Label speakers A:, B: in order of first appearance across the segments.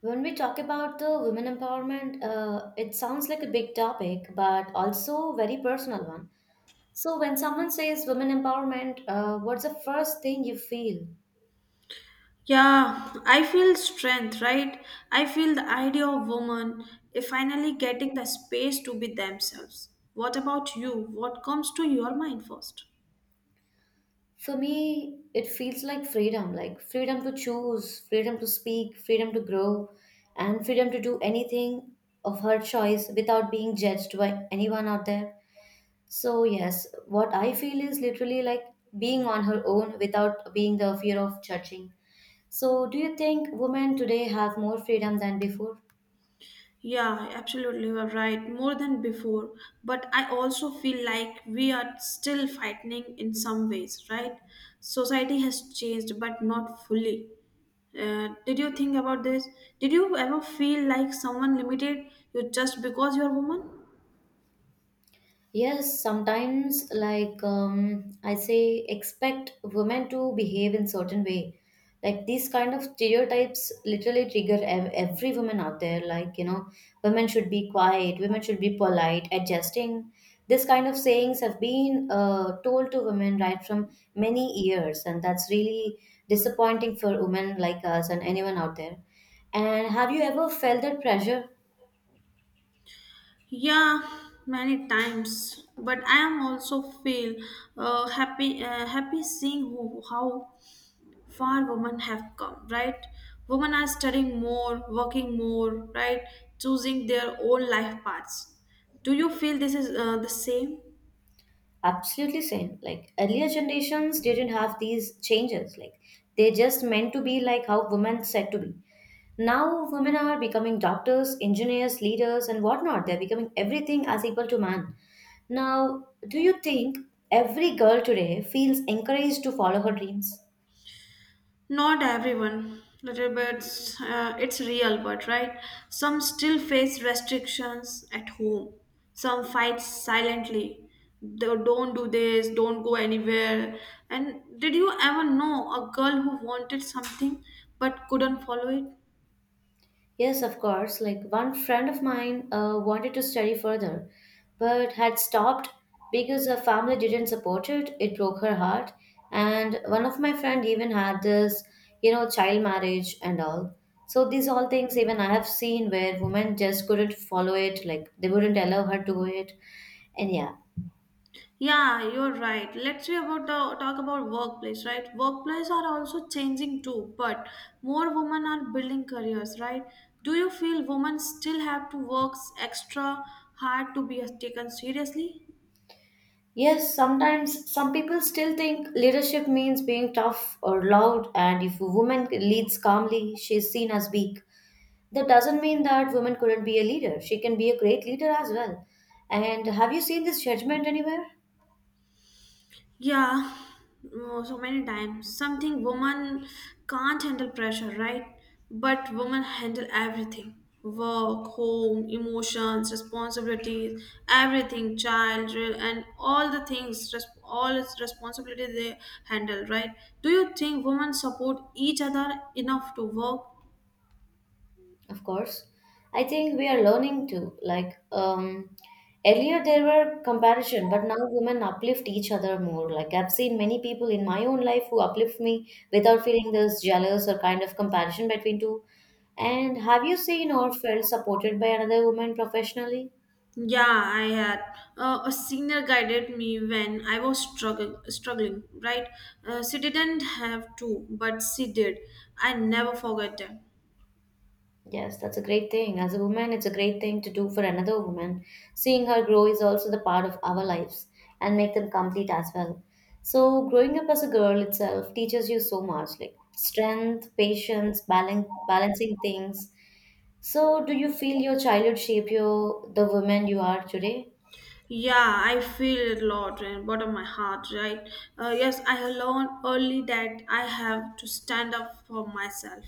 A: When we talk about the women empowerment, it sounds like a big topic, but also very personal one. So when someone says women empowerment, what's the first thing you feel?
B: Yeah, I feel strength, right? I feel the idea of women if finally getting the space to be themselves. What about you? What comes to your mind first?
A: For me, it feels like freedom to choose, freedom to speak, freedom to grow, and freedom to do anything of her choice without being judged by anyone out there. So yes, what I feel is literally like being on her own without being the fear of judging. So, do you think women today have more freedom than before?
B: Yeah, absolutely, you're right. More than before. But I also feel like we are still fighting in some ways, right? Society has changed, but not fully. Did you think about this? Did you ever feel like someone limited you just because you're a woman?
A: Yes, sometimes, like I say, expect women to behave in certain way. Like these kind of stereotypes literally trigger every woman out there. Like you know, women should be quiet, women should be polite, adjusting. This kind of sayings have been told to women right from many years, and that's really disappointing for women like us and anyone out there. And have you ever felt that pressure?
B: Yeah, many times. But I am also feel happy happy seeing who, how far women have come. Right, women are studying more, working more. Right, choosing their own life paths. Do you feel this is the same?
A: Absolutely same. Like earlier generations didn't have these changes. Like they just meant to be like how women said to be. Now women are becoming doctors, engineers, leaders, and whatnot. They're becoming everything as equal to man. Now, do you think every girl today feels encouraged to follow her dreams?
B: Not everyone, little bit, it's real, but right? Some still face restrictions at home. Some fight silently. They don't do this, don't go anywhere. And did you ever know a girl who wanted something but couldn't follow it?
A: Yes, of course. Like one friend of mine wanted to study further, but had stopped because her family didn't support it. It broke her heart. And one of my friend even had this, you know, child marriage and all. So these all things even I have seen where women just couldn't follow it, like they wouldn't allow her to do it. And yeah.
B: Yeah, you're right. Let's see about the talk about workplace, right? Workplace are also changing too, but more women are building careers, right? Do you feel women still have to work extra hard to be taken seriously?
A: Yes, sometimes some people still think leadership means being tough or loud, and if a woman leads calmly, she's seen as weak. That doesn't mean that women couldn't be a leader. She can be a great leader as well. And have you seen this judgment anywhere?
B: Yeah, oh, so many times. Something woman can't handle pressure, right? But women handle everything. Work, home, emotions, responsibilities, everything, child, and all the things, all its responsibilities they handle, right? Do you think women support each other enough to work
A: Of course. I think we are learning to. Like, earlier there were comparison, but now women uplift each other more. Like, I've seen many people in my own life who uplift me without feeling this jealous or kind of comparison between two. And have you seen or felt supported by another woman professionally?
B: Yeah, I had. A senior guided me when I was struggling, right? She didn't have to, but she did. I never forget that.
A: Yes, that's a great thing. As a woman, it's a great thing to do for another woman. Seeing her grow is also the part of our lives and make them complete as well. So, growing up as a girl itself teaches you so much like strength, patience, balancing things. So, do you feel your childhood shaped you the woman you are today?
B: Yeah, I feel it a lot in bottom of my heart, right? Yes, I learned early that I have to stand up for myself.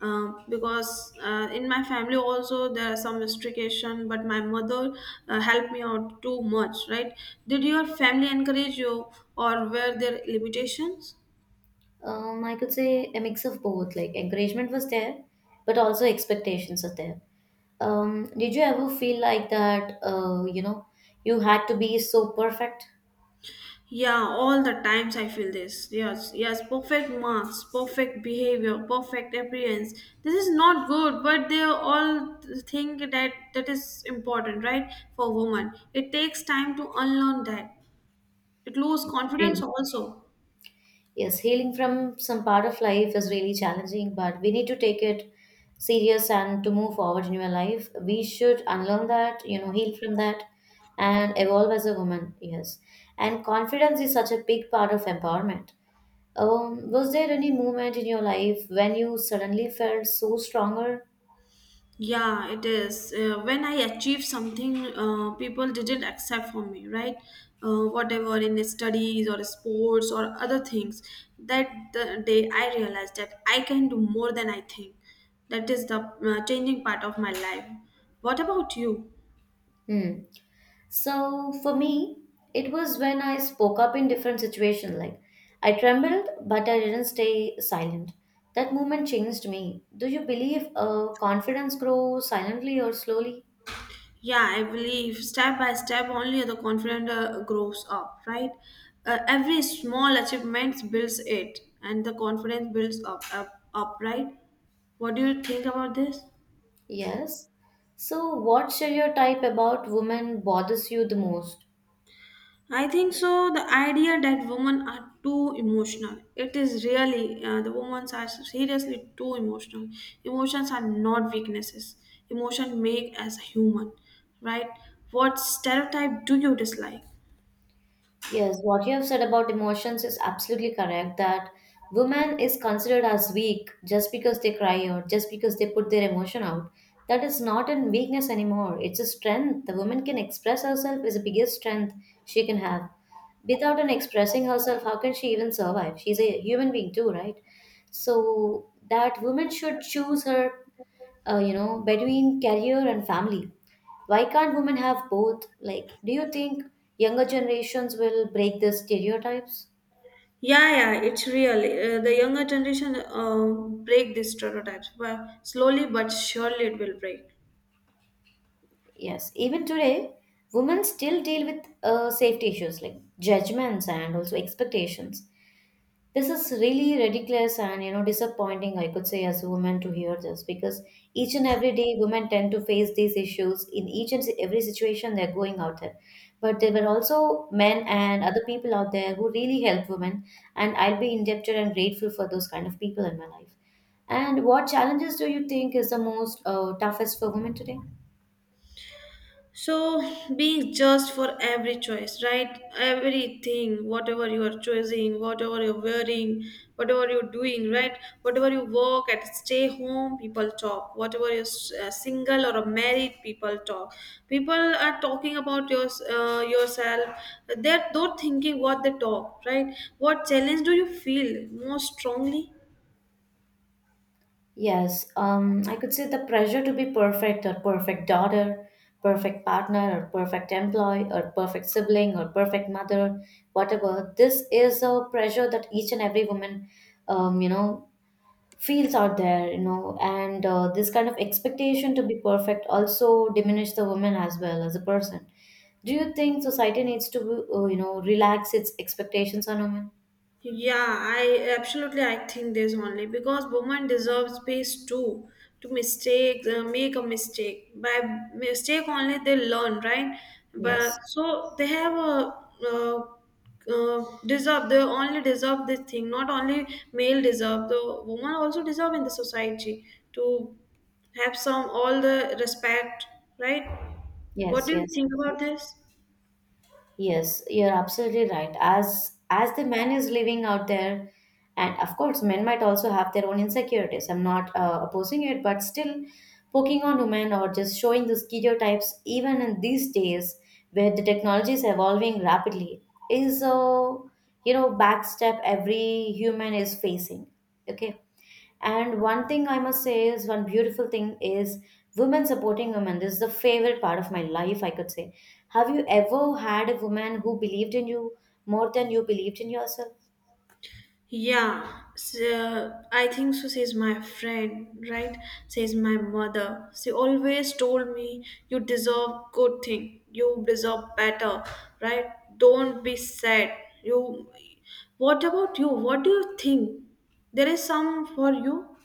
B: Because in my family also there are some restriction, but my mother helped me out too much, right? Did your family encourage you, or were there limitations?
A: I could say a mix of both. Like encouragement was there, but also expectations are there. Did you ever feel like that, you know, you had to be so perfect?
B: Yeah, all the times I feel this. Yes, yes, perfect marks, perfect behavior, perfect appearance. This is not good, but they all think that that is important, right? For women, it takes time to unlearn that. It lose confidence
A: Really?
B: also.
A: Yes, healing from some part of life is really challenging, but we need to take it serious and to move forward in your life. We should unlearn that, you know, heal from that and evolve as a woman. Yes. And confidence is such a big part of empowerment. Was there any moment in your life when you suddenly felt so stronger?
B: Yeah, it is. When I achieved something, people didn't accept for me, right? Whatever in studies or sports or other things. That the day I realized that I can do more than I think. That is the changing part of my life. What about you?
A: Hmm. So for me, it was when I spoke up in different situations. Like I trembled, but I didn't stay silent. That moment changed me. Do you believe confidence grows silently or slowly?
B: Yeah, I believe step by step only the confidence grows up, right? Every small achievement builds it, and the confidence builds up, up, up, right? What do you think about this?
A: Yes. So, what stereotype about women bothers you the most?
B: I think so. The idea that women are too emotional, it is really the women are seriously too emotional. Emotions are not weaknesses. Emotion make as a human, right? What stereotype do you dislike?
A: Yes, what you have said about emotions is absolutely correct that women is considered as weak just because they cry out, just because they put their emotion out. That is not a weakness anymore. It's a strength. The woman can express herself is the biggest strength she can have. Without an expressing herself, how can she even survive? She's a human being too, right? So that woman should choose her, you know, between career and family, why can't women have both? Like, do you think younger generations will break the stereotypes?
B: Yeah, yeah, it's really the younger generation break these stereotypes, but slowly but surely it will break.
A: Yes, even today, women still deal with safety issues like judgments and also expectations. This is really ridiculous and you know disappointing, I could say, as a woman to hear this because each and every day women tend to face these issues in each and every situation they're going out there. But there were also men and other people out there who really helped women, and I'll be indebted and grateful for those kind of people in my life. And what challenges do you think is the most toughest for women today?
B: So, being just for every choice, right? Everything, whatever you are choosing, whatever you're wearing, whatever you're doing, right? Whatever you work at, stay home, people talk. Whatever you're single or married, people talk. People are talking about your, yourself. They thinking what they talk, right? What challenge do you feel most strongly?
A: Yes, I could say the pressure to be perfect or perfect daughter, perfect partner or perfect employee or perfect sibling or perfect mother, whatever. This is a pressure that each and every woman, you know, feels out there, you know, and this kind of expectation to be perfect also diminish the woman as well as a person. Do you think society needs to, you know, relax its expectations on women?
B: Yeah, I absolutely I think this only because woman deserves space too to mistake make a mistake by mistake only they learn right but
A: Yes,
B: so they have a uh, deserve they only deserve this thing not only male deserve the woman also deserve in the society to have some all the respect right what do
A: yes,
B: you
A: yes,
B: think about this
A: yes, you're absolutely right. As the man is living out there, and of course, men might also have their own insecurities. I'm not opposing it, but still, poking on women or just showing the stereotypes, even in these days where the technology is evolving rapidly, is a, you know, backstep every human is facing. Okay? And one thing I must say is one beautiful thing is women supporting women. This is the favorite part of my life, I could say. Have you ever had a woman who believed in you more than you believed in yourself?
B: Yeah, so I think so, says my friend, right? Says my mother. She always told me, You deserve good thing, you deserve better, right? Don't be sad. You what about you? What do you think? There is some for you?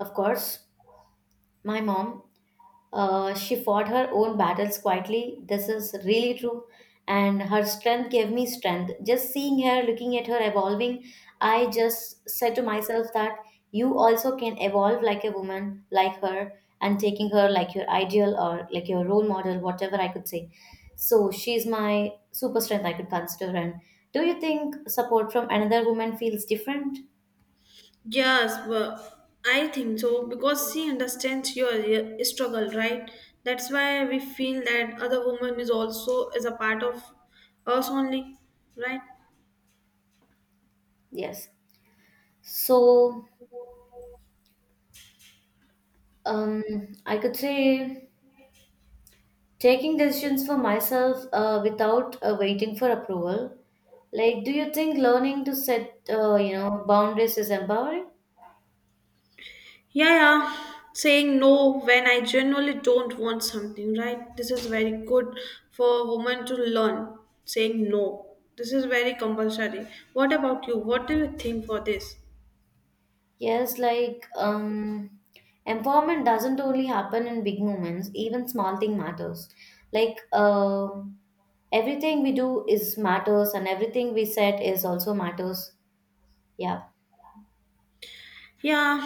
A: Of course, my mom. She fought her own battles quietly. This is really true. And her strength gave me strength. Just seeing her, looking at her evolving, I just said to myself that you also can evolve like a woman, like her, and taking her like your ideal or like your role model, whatever I could say. So she's my super strength, I could consider. And do you think support from another woman feels different?
B: Yes, but I think so because she understands your struggle, right? That's why we feel that other woman is also is a part of us only, right?
A: Yes. So, um, I could say taking decisions for myself without waiting for approval, like, do you think learning to set, you know, boundaries is empowering?
B: Yeah, yeah. Saying no when I genuinely don't want something, right? This is very good for a woman to learn. Saying no. This is very compulsory. What about you? What do you think for this?
A: Yes, like, empowerment doesn't only happen in big moments, even small thing matters, like, everything we do is matters and everything we said is also matters. Yeah.
B: Yeah,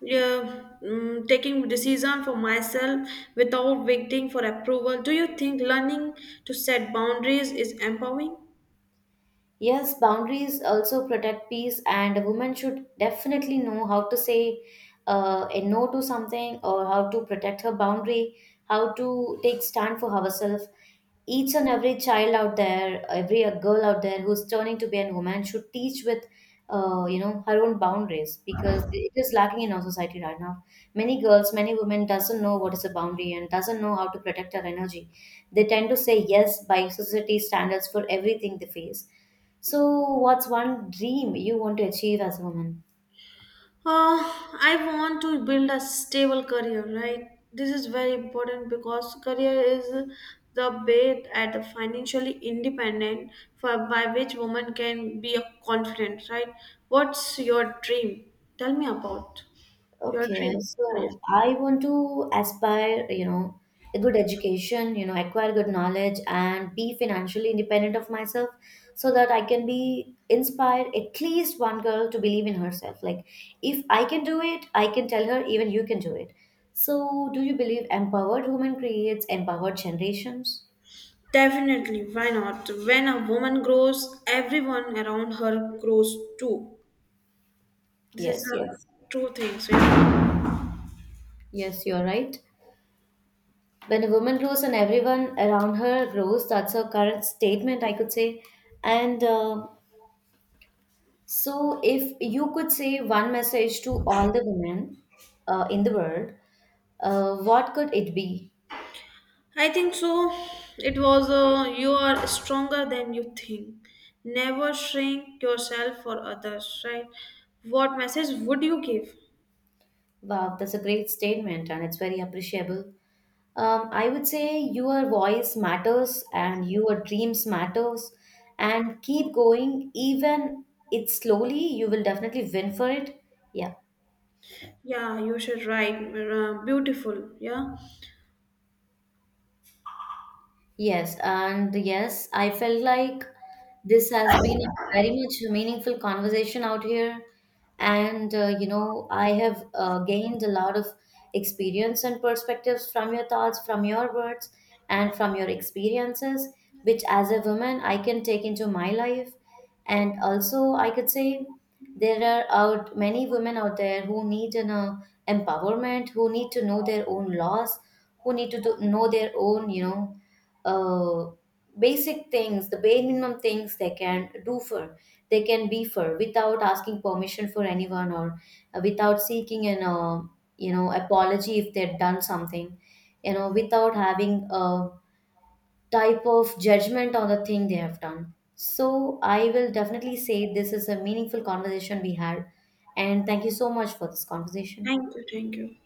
B: yeah. Mm, taking decision for myself without waiting for approval. Do you think learning to set boundaries is empowering?
A: Yes, boundaries also protect peace, and a woman should definitely know how to say a no to something or how to protect her boundary, how to take stand for herself. Each and every child out there, every girl out there who's turning to be a woman should teach with, you know, her own boundaries because it is lacking in our society right now. Many girls, many women doesn't know what is a boundary and doesn't know how to protect her energy. They tend to say yes by society standards for everything they face. So, what's one dream you want to achieve as a woman?
B: Uh, I want to build a stable career, right? This is very important because career is the way at the financially independent for by which woman can be a confident, right? What's your dream? Tell me about your
A: Okay,
B: dream. Yeah, yeah.
A: so I want to aspire, you know, a good education, you know, acquire good knowledge and be financially independent of myself so that I can be inspire at least one girl to believe in herself. Like, if I can do it, I can tell her even you can do it. So, do you believe empowered women creates empowered generations?
B: Definitely, why not? When a woman grows, everyone around her grows too. This is
A: Yes, yes.
B: a true thing. So yeah.
A: Yes, you're right. When a woman grows and everyone around her grows, that's her current statement, I could say. And so if you could say one message to all the women in the world, what could it be?
B: I think so. It was a you are stronger than you think. Never shrink yourself for others, right? What message would you give?
A: Wow, that's a great statement and it's very appreciable. I would say your voice matters and your dreams matters and keep going even it's slowly you will definitely win for it. Yeah.
B: Yeah, you should write. Beautiful. Yeah.
A: Yes, and yes, I felt like this has been a very much a meaningful conversation out here. And, you know, I have gained a lot of experience and perspectives from your thoughts, from your words, and from your experiences, which as a woman I can take into my life. And also, I could say there are out many women out there who need an, empowerment, who need to know their own laws, who need to do, know their own, you know, uh, basic things, the bare minimum things they can do for, they can be for without asking permission for anyone or, without seeking an, you know, apology if they've done something, you know, without having a type of judgment on the thing they have done. So I will definitely say this is a meaningful conversation we had, and thank you so much for this conversation.
B: Thank you. Thank you.